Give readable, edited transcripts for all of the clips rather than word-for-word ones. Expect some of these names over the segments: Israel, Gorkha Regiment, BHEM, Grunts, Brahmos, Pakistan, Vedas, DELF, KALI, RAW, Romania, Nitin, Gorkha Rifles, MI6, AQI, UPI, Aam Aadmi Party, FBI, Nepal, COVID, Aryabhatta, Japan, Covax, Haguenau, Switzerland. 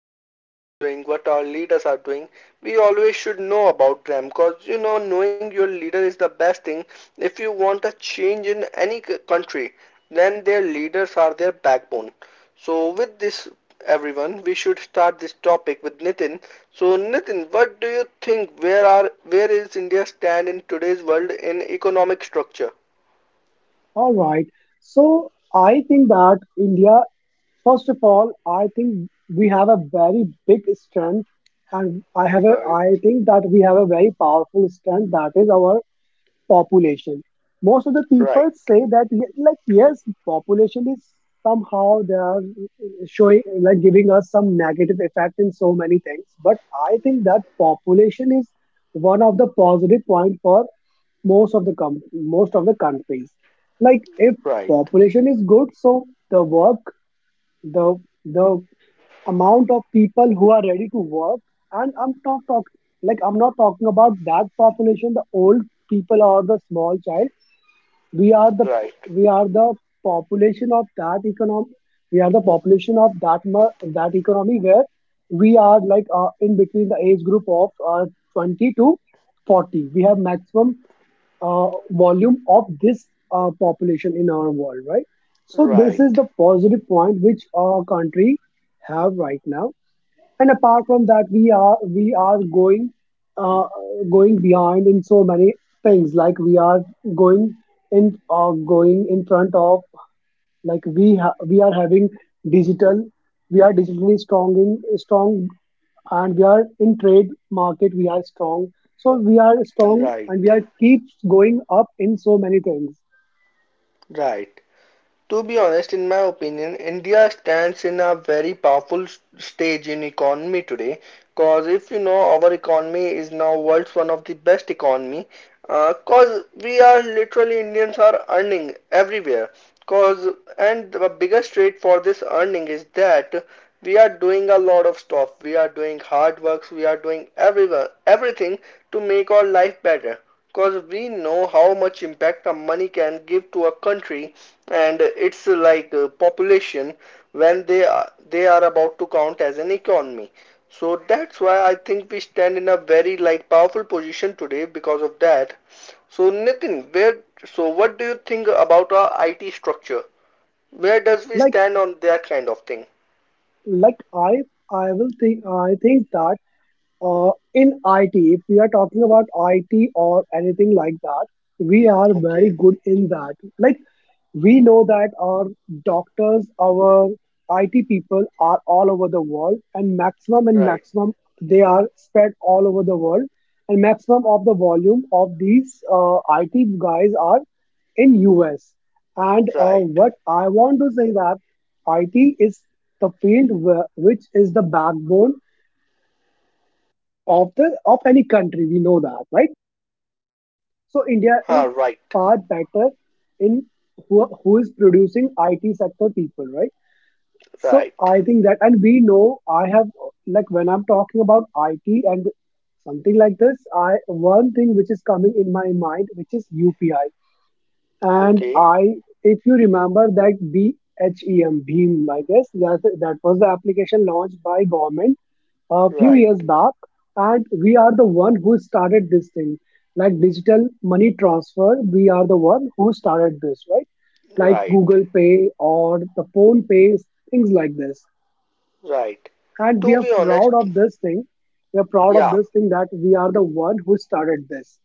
country is doing, what our leaders are doing. We always should know about them because knowing your leader is the best thing. If you want a change in any country, then their leaders are their backbone. So, with this everyone. We should start this topic with Nitin. So, Nitin, what do you think? Where is India stand in today's world in economic structure? All right. So I think that India, first of all, I think we have a very big strength, and Right, I think that we have a very powerful strength that is our population. Most of the right, people say that, like, yes, population is somehow they are showing, like, giving us some negative effect in so many things. But I think that population is one of the positive point for most of the countries. Like, if right, population is good, so the work the the amount of people who are ready to work. And I'm not talking about that population, the old people or the small child. we are the right, we are the population of that economy. We are the population of that economy where we are like in between the age group of 20 to 40. We have maximum volume of this population in our world, right? So this is right, the positive point which our country have right now. And apart from that, we are uh, going behind in so many things. Like, we are going in, going in front of, like, we are having digital. We are digitally strong in strong, and we are in trade market, we are strong, so we are strong and we right, are keeps going up in so many things. right. To be honest, in my opinion, India stands in a very powerful stage in economy today. Cause if you know, our economy is now world's one of the best economy. Cause we are literally Indians are earning everywhere. Cause and the biggest rate for this earning is that we are doing a lot of stuff. We are doing hard works. We are doing everywhere everything to make our life better because we know how much impact a money can give to a country, and it's like a population when they are about to count as an economy. So that's why I think we stand in a very like powerful position today because of that. So Nitin, where so what do you think about our IT structure? Where does we like stand on that kind of thing? like I will think I think that, in IT, if we are talking about IT or anything like that, we are Okay, very good in that. Like, we know that our doctors, our IT people are all over the world, and right, maximum they are spread all over the world, and maximum of the volume of these IT guys are in US. And right, what I want to say that IT is the field where, which is the backbone of any country. We know that, right? So India huh, is right, far better in who is producing IT sector people, right? So right, I think that, and we know, I have, like, when I'm talking about IT and something like this, I, one thing which is coming in my mind, which is UPI. And okay, I, if you remember that BHEM, Bheem, I guess that that was the application launched by government a few right, years back. And we are the one who started this thing, like digital money transfer. We are the one who started this, right? Like right, Google Pay or the phone pays, things like this, right. and we To are be honest, proud of this thing. We are proud of yeah. this thing that we are the one who started this.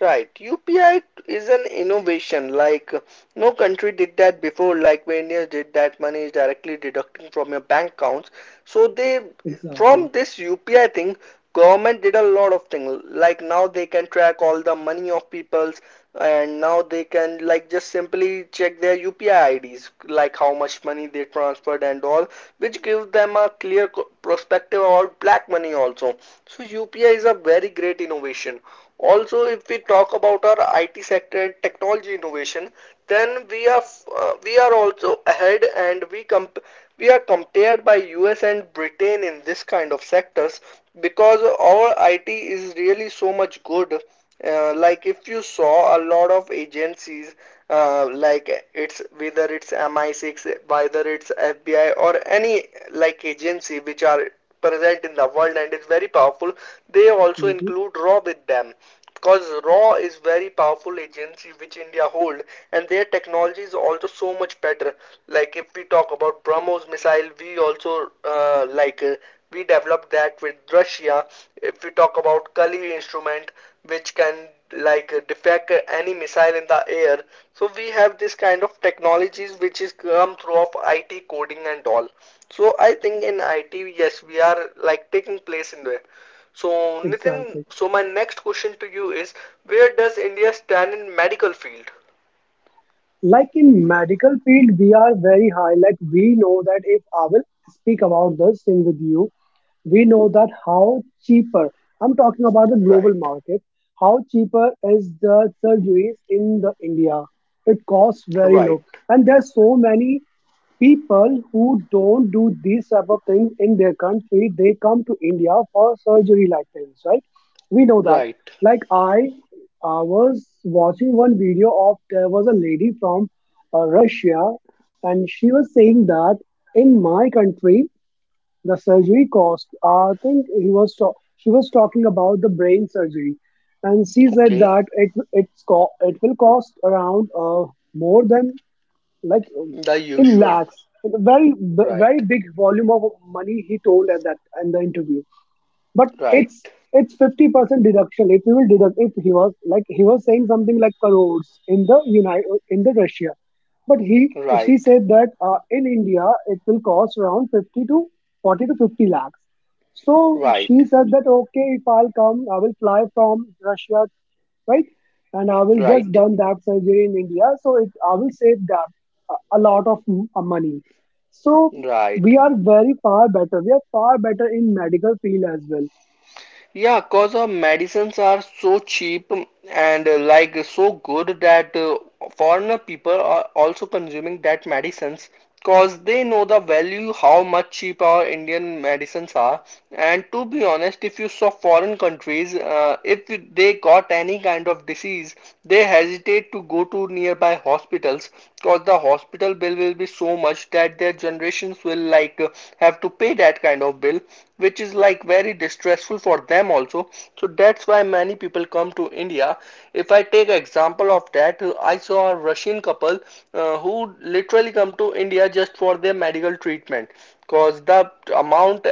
Right. UPI is an innovation. Like no country did that before. Like when India did that, money is directly deducting from your bank accounts. So they, from Exactly. this UPI thing, government did a lot of things. Like now they can track all the money of people's, and now they can like just simply check their UPI IDs, like how much money they transferred and all, which gives them a clear perspective about black money also. So UPI is a very great innovation. Also, if we talk about our IT sector and technology innovation, then we are also ahead, and we are compared by US and Britain in this kind of sectors because our IT is really so much good. Like if you saw a lot of agencies like it's whether it's MI6, whether it's FBI, or any like agency which are present in the world and is very powerful, they also Hmm. include raw with them because raw is very powerful agency which India hold, and their technology is also so much better. Like if we talk about Brahmos missile, we also like we developed that with Russia. If we talk about Kali instrument which can defect any missile in the air. So we have this kind of technologies which is come through of IT coding and all. So I think in IT, yes, we are like taking place in there. So Nitin, Exactly. so my next question to you is, where does India stand in medical field? Like, in medical field we are very high. Like, we know that, if I will speak about this thing with you, we know that how cheaper, I'm talking about the global Right, market, how cheaper is the surgeries in the india. It costs very low, right, and there's so many people who don't do these type of things in their country. They come to india for surgery like things, right? We know that. right. Like, I was watching one video of there was a lady from Russia, and she was saying that, in my country, the surgery cost. I think she was talking about the brain surgery, and she said Okay, that it will cost around, more than, like, the in usual. lakhs, very Right, very big volume of money. He told at that in the interview, but right, it's 50% deduction if we will deduct, if he was saying something like crores in the united in the russia. But he she right, said that, in india, it will cost around 50 to 40 to 50 lakhs. So she right, said that, okay, if I'll come, I will fly from russia, right, and I will just right, done that surgery in india, so it I will save that a lot of money. So we right. are very far better. We are far better in medical field as well. Yeah, cause medicines are so cheap and like so good that foreigner people are also consuming that medicines cause they know the value how much cheap our Indian medicines are. And to be honest, if you saw foreign countries, if they got any kind of disease, they hesitate to go to nearby hospitals cause the hospital bill will be so much that their generations will like have to pay that kind of bill, which is like very distressful for them also. So that's why many people come to India. If I take example of that, I saw a Russian couple who literally come to India just for their medical treatment. cause the amount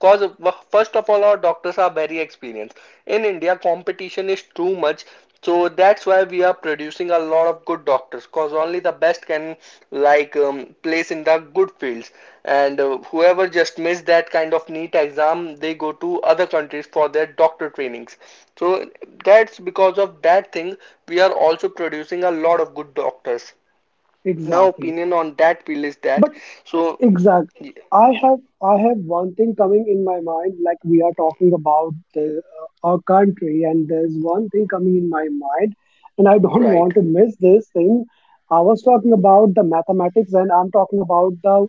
cause first of all, our doctors are very experienced. In India competition is too much, so that's why we are producing a lot of good doctors, cause only the best can place in the good fields. And whoever just missed that kind of neat exam, they go to other countries for their doctor trainings. So that's because of that thing we are also producing a lot of good doctors. Now Exactly. opinion on that field is that. But So, exact I have one thing coming in my mind. Like, we are talking about, our country, and there's one thing coming in my mind, and I don't right. want to miss this thing. I was talking about the mathematics, and I'm talking about the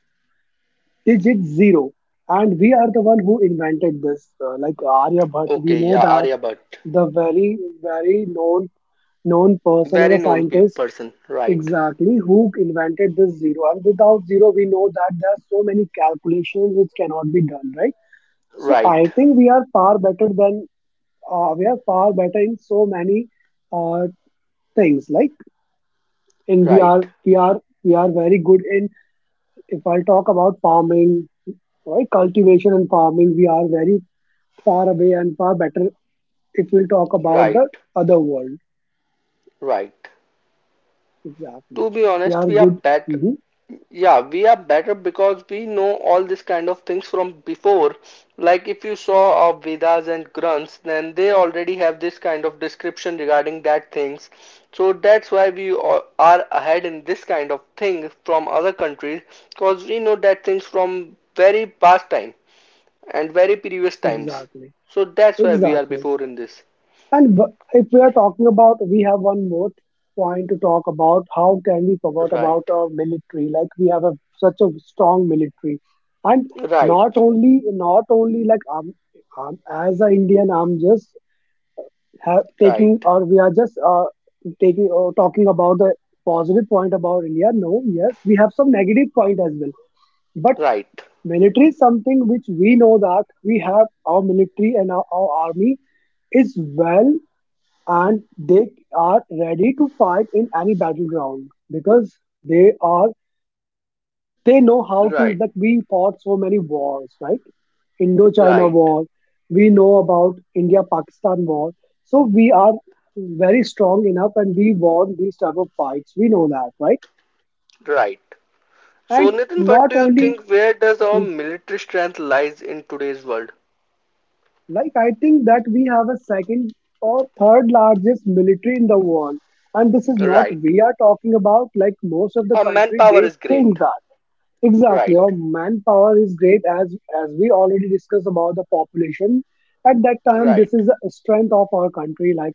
digit zero, and we are the one who invented this, like, Aryabhatta, we Okay, know yeah, that, Arya the very very known person and very a known scientist. person. Right, Exactly, who invented this zero? And without zero, we know that there are so many calculations which cannot be done, right? So I right, think we are far better than, we are far better in so many, uh, things. Like, and we are right, we are we are very good in. If I talk about farming, right, cultivation and farming, we are very far away and far better. If we talk about the right, other world, right. exactly, To be we honest, are we are good. better. Hmm. Yeah, we are better because we know all these kind of things from before. Like if you saw Vedas and Grunts, then they already have this kind of description regarding that things. So that's why we are ahead in this kind of thing from other countries because we know that things from very past time and very previous times. Exactly, So that's why we are exactly. before in this. And if we are talking about, we have one more point to talk about. How can we forget about Right, our military? Like, we have such a strong military, and not right, only not only like, as an Indian, I'm just taking right, or we are just, taking, talking about the positive point about India. No, yes, we have some negative point as well, but right, military is something which we know that we have our military, and our army is well, and they are ready to fight in any battleground because they are they know how to, right, like, we fought so many wars, right? Indochina right, war, we know about India Pakistan war. So we are very strong enough and we won these type of fights. We know that, right? right. So, And Nitin, what not do you only, think? Where does our mm, military strength lies in today's world? like, I think that we have a second or third largest military in the world. And this is not, Right. we are talking about, like, most of the Our country, manpower they is great. think that. Exactly, Right, our manpower is great, as we already discussed about the population. At that time, right, this is the strength of our country. Like,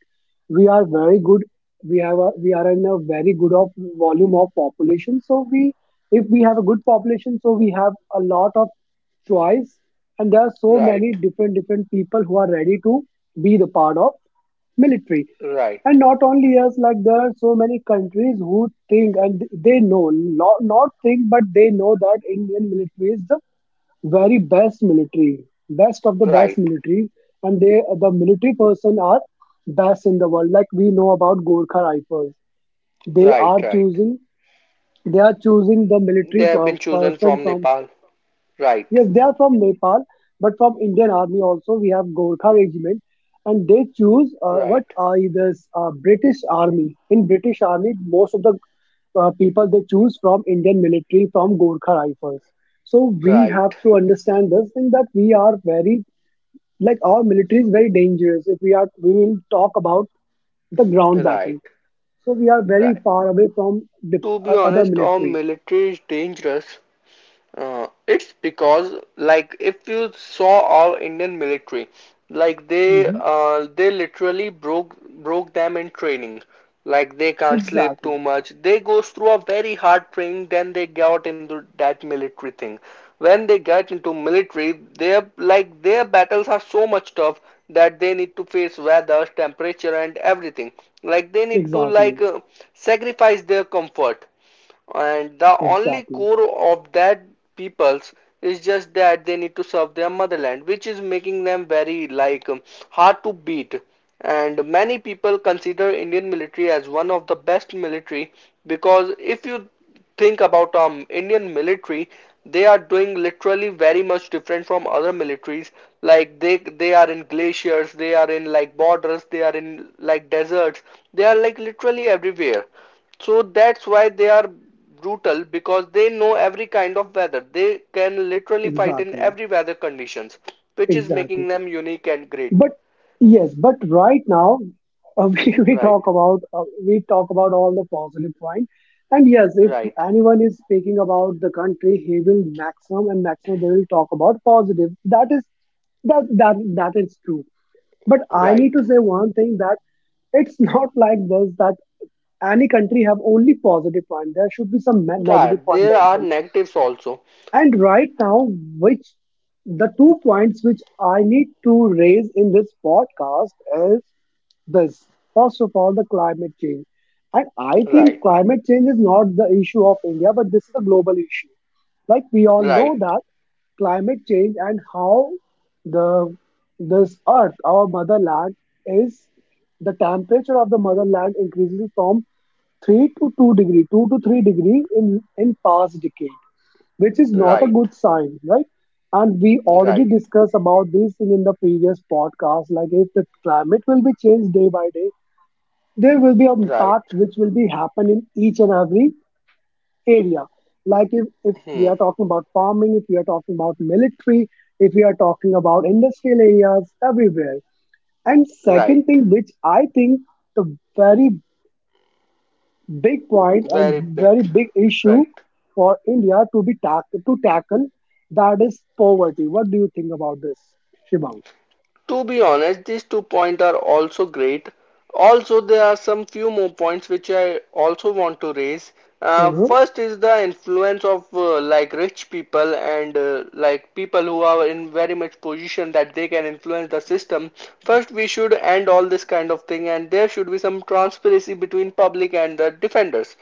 we are very good, we are in a very good of volume of population. So if we have a good population, so we have a lot of choice, and there are so many right, different different people who are ready to be the part of military. right, And not only us, like there are so many countries who think and they know, not think, but they know that indian military is the very best military, best of the right, best military. And the military person are best in the world. Like, we know about gorkha rifles. they right, are right. choosing they are choosing the They military have been chosen person from from. Nepal. Right, Yes, they are from Nepal, but from Indian Army also we have Gorkha Regiment, and they choose, what right, are this, British Army. In British Army, most of the people they choose from Indian military, from Gorkha Rifles. So we have right, to understand this thing that we are very like, our military is very dangerous. If we will talk about the ground right, battle. So we are very right. far away from the, To be other honest, our military. military is dangerous. It's because like if you saw our Indian military, like they Hmm. uh, they literally broke them in training. Like they can't sleep too Exactly, much. They goes through a very hard training, then they got into that military thing. When they get into military, their battles are so much tough that they need to face weather, temperature, and everything. Like they need to exactly, sacrifice their comfort, and the only exactly, core of that peoples is just that they need to serve their motherland, which is making them very hard to beat. And many people consider Indian military as one of the best military because if you think about Indian military, they are doing literally very much different from other militaries. Like they are in glaciers, they are in like borders, they are in like deserts, they are like literally everywhere. So that's why they are brutal because they know every kind of weather. They can literally fight in exactly. every weather conditions, which is making Exactly. them unique and great. But yes, but right now, we, we Right, talk about uh, we talk about all the positive point. And yes, if right, anyone is speaking about the country, he will, maximum and maximum, they will talk about positive. That is That that is true. But I need to right, say one thing, that it's not like this, that any country have only positive point. There should be some negative right. point There as are well. negatives also. And right now, which the two points which I need to raise in this podcast is this. First of all, the climate change. And I think Right, climate change is not the issue of India, but this is a global issue. Like, we all right, know that climate change and how the this earth, our motherland, is the temperature of the motherland increases from three to two degree, two to three degree, in past decade, which is not a right, good sign, right? And we already right, discussed about this thing in the previous podcast. Like, if the climate will be changed day by day, there will be a right. impact which will be happen in each and every area. Like, if we Hmm, are talking about farming, if we are talking about military, if we are talking about industrial areas, everywhere. And second right. thing, which I think the very big point Very and very big. big issue Right. for India to be to tackle. That is poverty. What do you think about this, Shivang? To be honest, these two points are also great. Also, there are some few more points which I also want to raise. Uh, Uh-huh. first is the influence of like rich people and like people who are in very much position that they can influence the system. First, we should end all this kind of thing, and there should be some transparency between public and the defenders.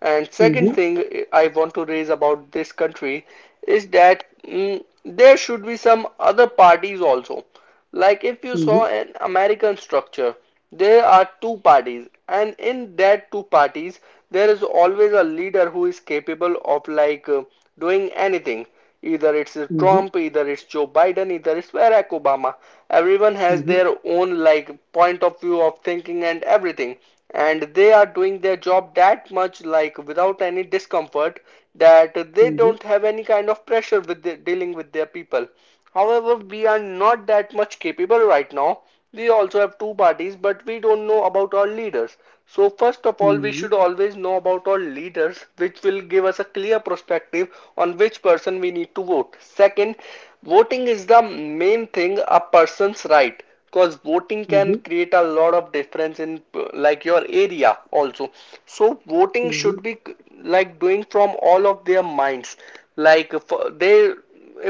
And second Mm-hmm. thing I want to raise about this country is that there should be some other parties also. Like if you saw Mm-hmm. an American structure, there are two parties, and in that two parties, there is always a leader who is capable of doing anything. Either it's Mm-hmm. Trump, either it's Joe Biden, either it's Barack Obama. Everyone has Mm-hmm. their own like point of view of thinking and everything, and they are doing their job that much like without any discomfort, that they Mm-hmm. don't have any kind of pressure with the, dealing with their people. However, we are not that much capable right now. We also have two parties, but we don't know about our leaders. So, first of all, we Mm-hmm. should always know about our leaders, which will give us a clear perspective on which person we need to vote. Second, voting is the main thing a person's right because voting can Mm-hmm. create a lot of difference in like your area also. So voting Mm-hmm. should be like doing from all of their minds. Like they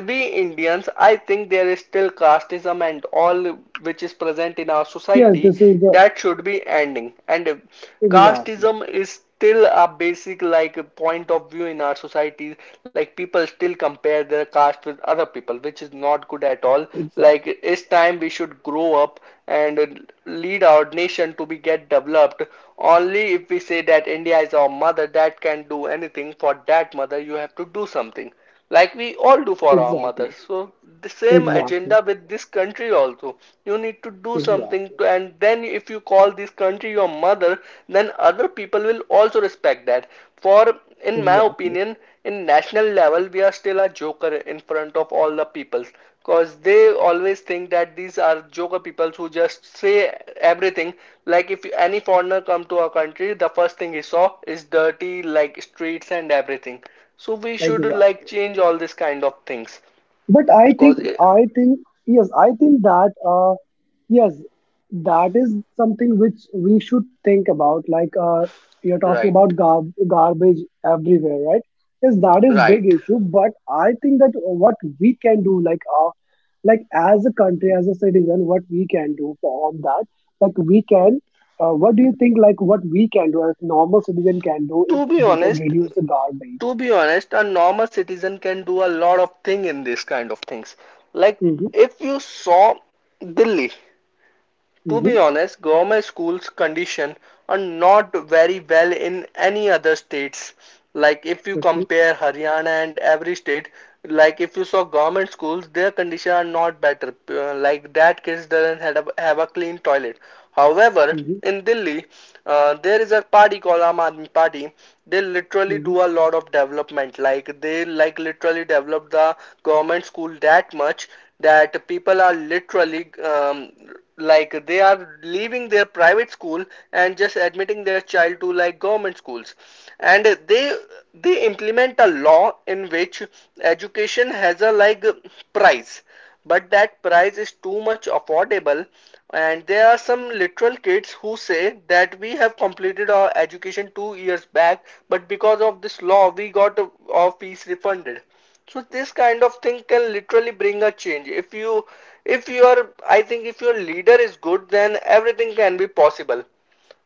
we Indians, I think there is still casteism and all which is present in our Yes, society, this is the that should be ending. And exactly, casteism is still a basic like point of view in our society. Like people still compare their caste with other people, which is not good at all. Like exactly, it's time we should grow up and lead our nation to be get developed. Only if we say that India is our mother that can do anything for that mother, you have to do something like we all do for our mothers. exactly, So the same exactly, agenda with this country also. You need to do something exactly, to, and then if you call this country your mother, then other people will also respect that. For In my exactly, opinion, in national level, we are still a joker in front of all the peoples because they always think that these are joker peoples who just say everything. Like if any foreigner come to our country, the first thing he saw is dirty like streets and everything, so we should like exactly. change all this kind of things But because it, I think, yes, I think that. uh, Yes, that is something which we should think about. You're talking right. about garbage everywhere, right? Yes, that is big right issue. But I think that what we can do, like as a country, as a citizen, what we can do for on that, like we can. What do you think? Like what we can do as normal citizen can do if to be they can honest reduce the garbage. to be honest, a normal citizen can do a lot of thing in this kind of things, like Mm-hmm, if you saw delhi. To mm-hmm, be honest, government schools condition are not very well in any other states. Like if you okay. compare Haryana and every state, like if you saw government schools, their condition are not better. Like that kids doesn't have a clean toilet. However, Mm-hmm, in Delhi, there is a party called Aam Aadmi Party. They literally mm-hmm. do a lot of development. Like they like literally develop the government school that much that people are literally like they are leaving their private school and just admitting their child to like government schools. And they implement a law in which education has a like price, but that price is too much affordable. And there are some literal kids who say that we have completed our education 2 years back, but because of this law we got our fees refunded. So this kind of thing can literally bring a change. If you are, I think if your leader is good, then everything can be possible.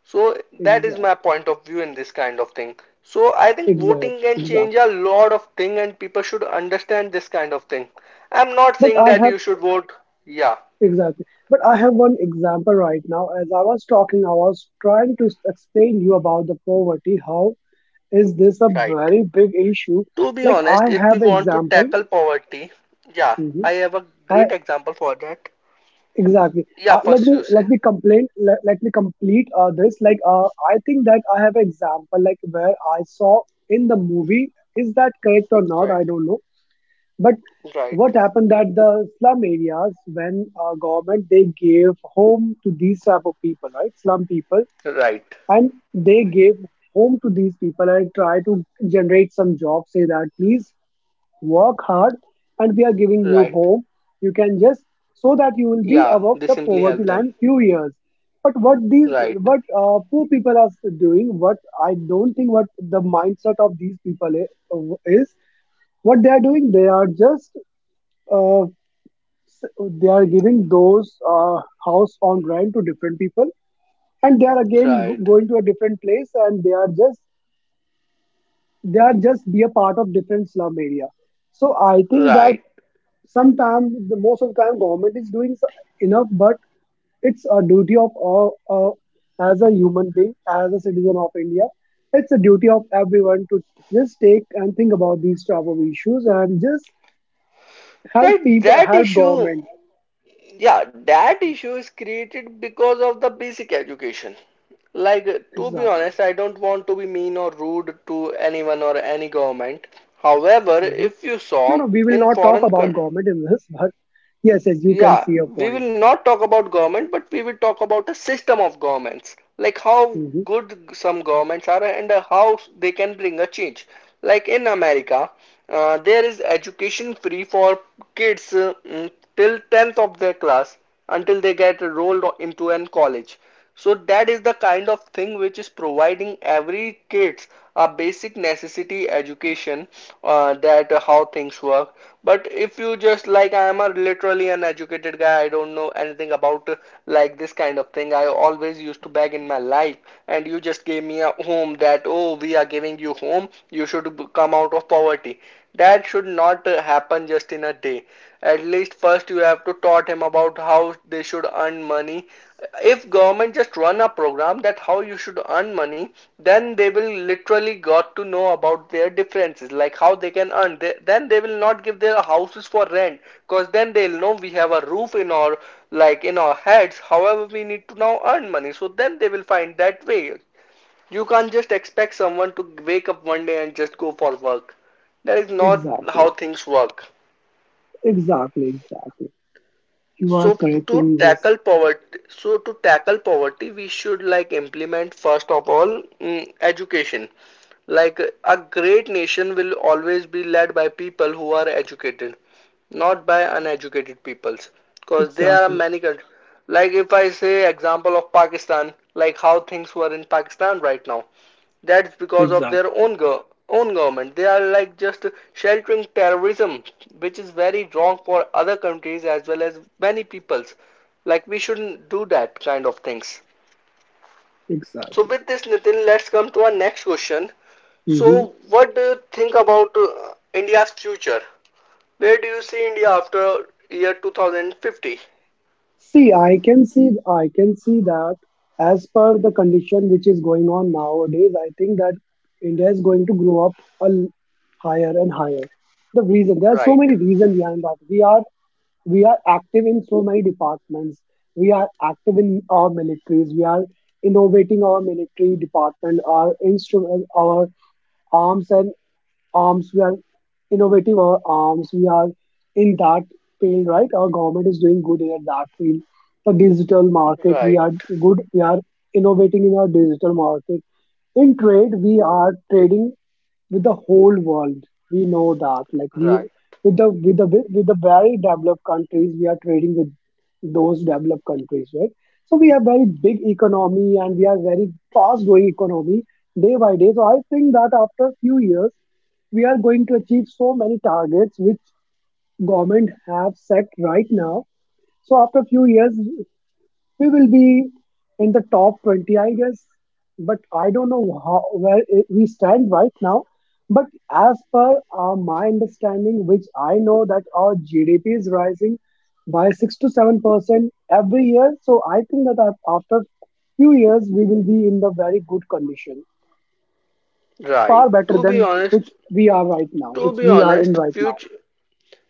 So that is my Exact. point of view in this kind of thing. So I think Exact. voting can Exact. change a lot of thing, and people should understand this kind of thing. I'm not But saying I that have. you should vote. Yeah, Exactly. But I have one example right now. As I was talking, I was trying to explain you about the poverty. How is this a right. very big issue? To be Like honest, I if we have want to example. tackle poverty, yeah, Hmm. I have a great I example for that. exactly. Yeah, first you say. Let me complain. Let me complete this. I think that I have example. Like where I saw in the movie. Is that correct or not? Right. I don't know. But Right. what happened that the slum areas, when government they gave home to these type of people, right, slum people, Right. and they gave home to these people and try to generate some job. Say that please work hard, and we are giving you Right. home. You can just so that you will be Yeah, above they the simply help poverty them. line few years. But what these Right, what poor people are doing, what I don't think what the mindset of these people is, what they are doing, they are just uh, s- they are giving those house on rent to different people and they are again right, going to a different place and they are just be a part of different slum area. So I think that right, sometimes, the most of the time government is doing enough, but it's a duty of uh, as a human being, as a citizen of India, it's a duty of everyone to just take and think about these type of issues and just help right. people, That help issue, government. yeah, that issue is created because of the basic education. Like, to be Exactly. honest, I don't want to be mean or rude to anyone or any government. However, Mm-hmm. if you No, saw no, we will in not talk foreign about coun-. government in this, but yes, as you can Yeah, see your we will point. not talk about government, but we will talk about a system of governments, like how Hmm. good some governments are and how they can bring a change. Like in America, there is education free for kids till 10th of their class, until they get enrolled into an college. So that is the kind of thing which is providing every kids a basic necessity education, that how things work. But if you just like, I am a literally an educated guy, I don't know anything about like this kind of thing. I always used to beg in my life, and you just gave me a home that, oh, we are giving you home, you should come out of poverty. That should not happen just in a day. At least first you have to taught him about how they should earn money. If government just run a program that how you should earn money, then they will literally got to know about their differences, like how they can earn then they will not give their houses for rent, because then they'll know we have a roof in our like in our heads, however we need to now earn money, so then they will find that way. You can't just expect someone to wake up one day and just go for work. That is not Exactly, how things work. exactly, exactly. You are So correct to in this. tackle poverty, we should like implement first of all education. Like a great nation will always be led by people who are educated, not by uneducated peoples. Because there are Exactly, many countries. Like if I say example of Pakistan, like how things were in Pakistan right now. That's because of their exactly, own go- own government. They are like just sheltering terrorism, which is very wrong for other countries as well as many peoples. Like we shouldn't do that kind of things. So exactly. with this, Nitin, let's come to our next question. Hmm. So what do you think about India's future? Where do you see India after year 2050? See, I can see, I can see that as per the condition which is going on nowadays, I think that India is going to grow up a l- higher and higher. The reason there are so Right, many reasons behind that. We are active in so many departments. We are active in our militaries. We are innovating our military department, our instrument, our arms and arms we are innovating our arms we are In that field, right, our government is doing good in that field. The digital market, we right, are good. We are innovating in our digital market. In trade, we are trading with the whole world. We know that, like right. we with the very developed countries, we are trading with those developed countries, right? So we have very big economy, and we are very fast growing economy day by day. So I think that after few years, we are going to achieve so many targets which government have set right now. So after few years, we will be in the top 20, I guess. But I don't know how, where it, we stand right now. But as per my understanding, which I know that our GDP is rising by 6% to 7% every year. So I think that after few years we will be in the very good condition, far Right. better To be than which honest, we are right now, to which be we are in honest, right now. future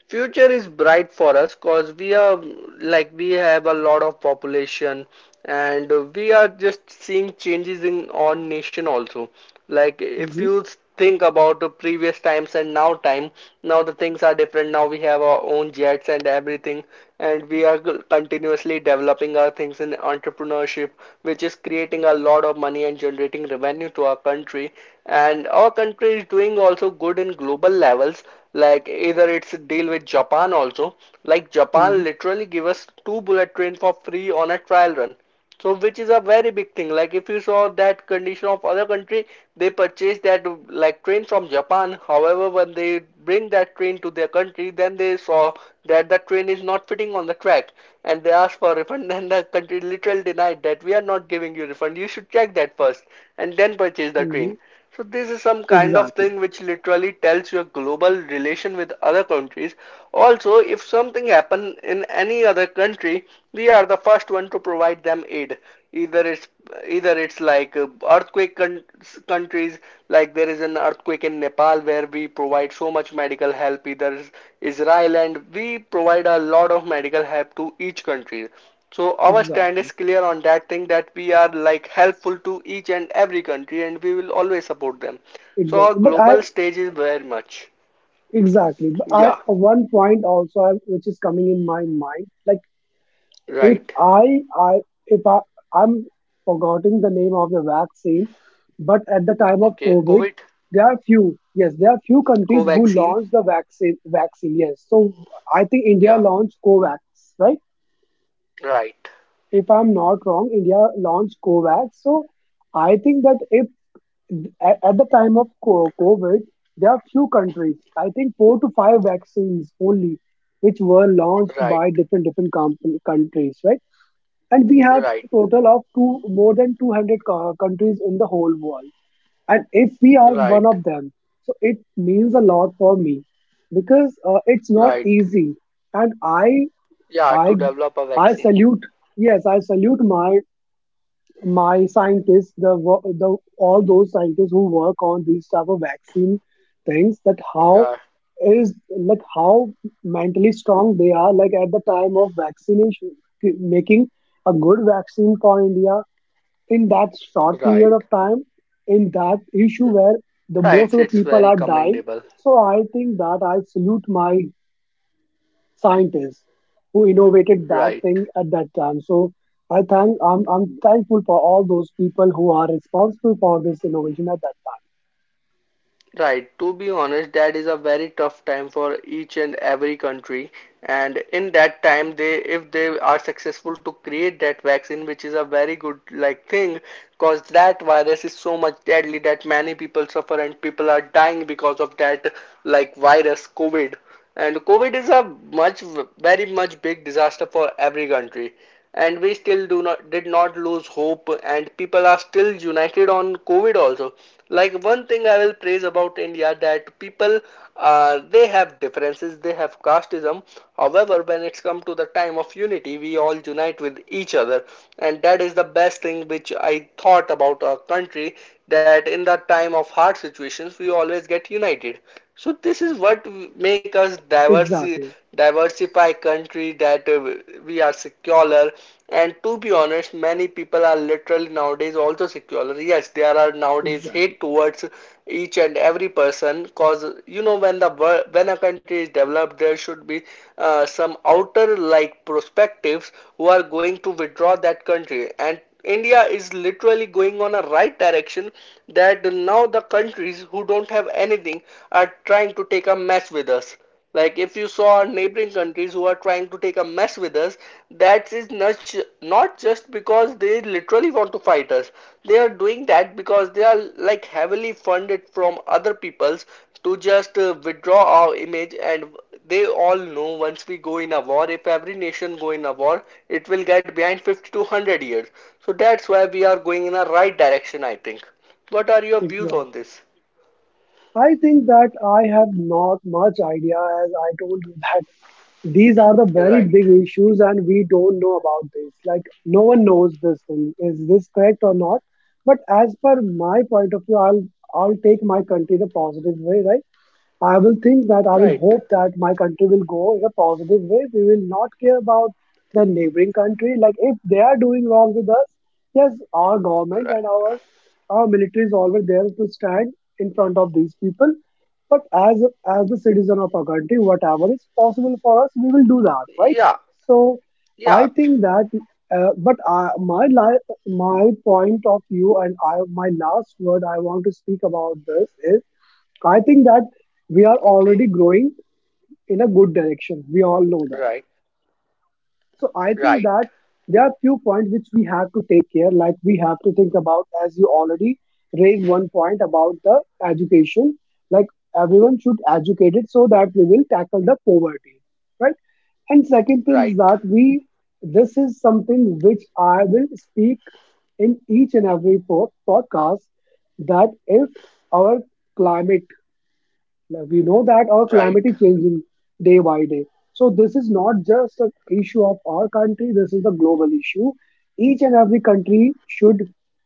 Future is bright for us, cause we are like we have a lot of population, and we are just seeing changes in our nation also. Like if Hmm. you think about the previous times and now time, now the things are different, now we have our own jets and everything. And we are continuously developing our things in entrepreneurship, which is creating a lot of money and generating revenue to our country. And our country is doing also good in global levels, like either it's a deal with japan also. Like Hmm. japan literally give us two bullet train for free on a trial run, so which is a very big thing. Like if you saw that condition of other country, they purchase that like train from Japan. However, when they bring that train to their country, then they saw that the train is not fitting on the track, and they asked for refund. Then the country literally denied that we are not giving you refund. You should check that first and then purchase the Hmm. train. So this is some kind of Exactly, thing which literally tells your global relation with other countries. Also, if something happen in any other country, we are the first one to provide them aid. Either it's Either it's like earthquake countries, like there is an earthquake in Nepal where we provide so much medical help. Either Israel, and we provide a lot of medical help to each country. So our stand exactly, is clear on that thing, that we are like helpful to each and every country and we will always support them. So our exactly. But I global stage is very much. exactly. But I Yeah, one point also which is coming in my mind, like if right. I I if I'm forgetting the name of the vaccine, but at the time of Okay, COVID, COVID, there are few, yes, there are few countries who co-vaccine. launched the vaccine, yes. So I think India Yeah, launched Covax, right? right, If I'm not wrong, India launched Covax. So I think that if at the time of COVID, there are few countries, I think four to five vaccines only, which were launched right, by different countries, right? And we have right, total of two more than 200 countries in the whole world. And if we are one right, of them, so it means a lot for me because it's not right. easy. And I, Yeah, I, to develop a I vaccine. salute. Yes, I salute my scientists, the the all those scientists who work on these type of vaccine things, that how Yeah, is like how mentally strong they are, like at the time of vaccination, making a good vaccine for India in that short right, period of time, in that issue where the most right. of the It's people very are dying. commendable. So I think that I salute my scientists who innovated that Right. thing at that time. So I'm thankful for all those people who are responsible for this innovation at that time. Right, to be honest, that is a very tough time for each and every country. And in that time, they if they are successful to create that vaccine, which is a very good like thing, because that virus is so much deadly that many people suffer and people are dying because of that like virus, COVID. And COVID is a much very much big disaster for every country. And we still do not did not lose hope, and people are still united on covid also. Like one thing I will praise about india, that people, they have differences, they have casteism, however when it's come to the time of unity, we all unite with each other. And that is the best thing which I thought about our country, that in the time of hard situations we always get united. So this is what make us Exactly. diversify country, that we are secular. And to be honest, many people are literally nowadays also secular. Yes, there are nowadays Exactly. hate towards each and every person, cause you know, when the when a country is developed, there should be some outer like perspectives who are going to withdraw that country. And India is literally going on a right direction, that now the countries who don't have anything are trying to take a mess with us. Like if you saw our neighboring countries who are trying to take a mess with us, that is not just because they literally want to fight us. They are doing that because they are like heavily funded from other peoples to just withdraw our image. And they all know once we go in a war, if every nation go in a war, it will get behind 50 to 100 years. So that's why we are going in a right direction, I think. What are your views on Exactly. this? I think that I have not much idea, as I told you that these are the very Right, big issues and we don't know about this. Like no one knows this thing. Is this correct or not? But as per my point of view, I'll take my country the positive way, right? I will think that I will right, hope that my country will go in a positive way. We will not care about the neighboring country. Like if they are doing wrong with us, yes, our government right, and our military is always there to stand in front of these people. But as the citizen of our country, whatever is possible for us, we will do that, right? yeah, So yeah, I think that. But I, my li- my point of view, and my last word I want to speak about this. I think that okay, we are already growing in a good direction. We right, all know that. So right, I think that there are few points which we have to take care, like we have to think about, as you already raised one point about the education. Like everyone should educate it so that we will tackle the poverty. Right? And right, second thing is that we, this is something which I will speak in each and every podcast, that if our climate, like, we know that our right. calamity changing day by day, so this is not just an issue of our country, this is a global issue. Each and every country should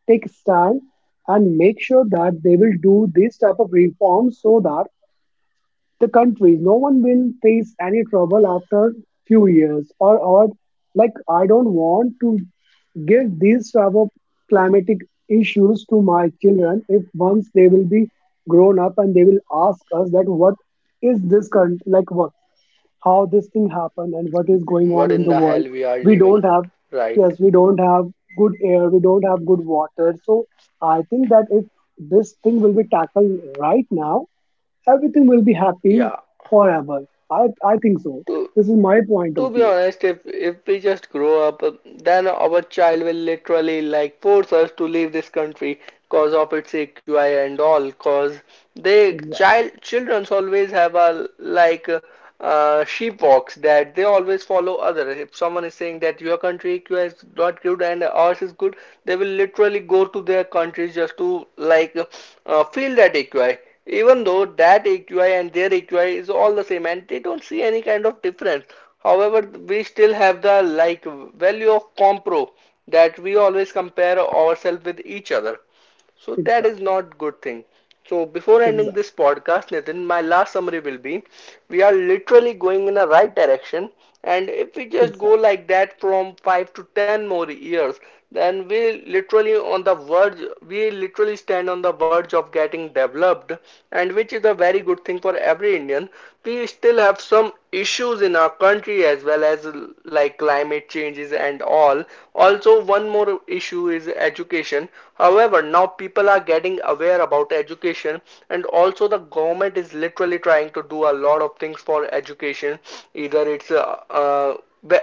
take a stand and make sure that they will do this type of reforms so that the country. No one will face any trouble after few years, or like I don't want to give these type of climatic issues to my children, if once they will be grown up and they will ask us that what is this current, like what, how this thing happened and what is going What on in in the the world. hell we are We living. don't have, Right, yes, we don't have good air, we don't have good water. So I think that if this thing will be tackled right now, everything will be happy yeah. forever. I think so. to This is my point To of be view. honest, if we just grow up, then our child will literally like force us to leave this country cause of its AQI and all. Cause they Exactly. child childrens always have a like sheep walks, that they always follow other. If someone is saying that your country AQI is not good and ours is good, they will literally go to their countries just to like feel that AQI, even though that AQI and their AQI is all the same and they don't see any kind of difference. However, we still have the like value of compro, that we always compare ourselves with each other. So that is Exactly. not good thing. So before ending Exactly. this podcast, Nitin, my last summary will be, we are literally going in the right direction. And if we just go Exactly. like that from 5 to 10 more years, then we literally on the verge, we literally stand on the verge of getting developed. And which is a very good thing for every indian. We still have some issues in our country as well as like climate changes and all. Also, one more issue is education. However, now people are getting aware about education, and also the government is literally trying to do a lot of things for education. Either it's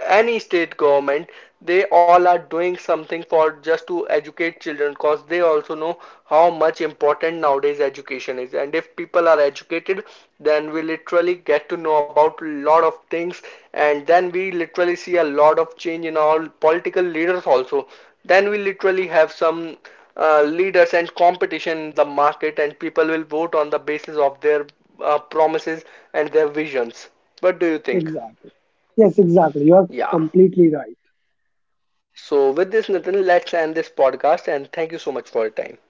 any state government, they all are doing something for just to educate children, because they also know how much important nowadays education is. And if people are educated, then we literally get to know about a lot of things. And then we literally see a lot of change in our political leaders also. Then we literally have some leaders and competition in the market, and people will vote on the basis of their promises and their visions. What do you think? Exactly. Yes, exactly. You are Yeah. completely right. So, with this, Nitin, let's end this podcast, and thank you so much for your time.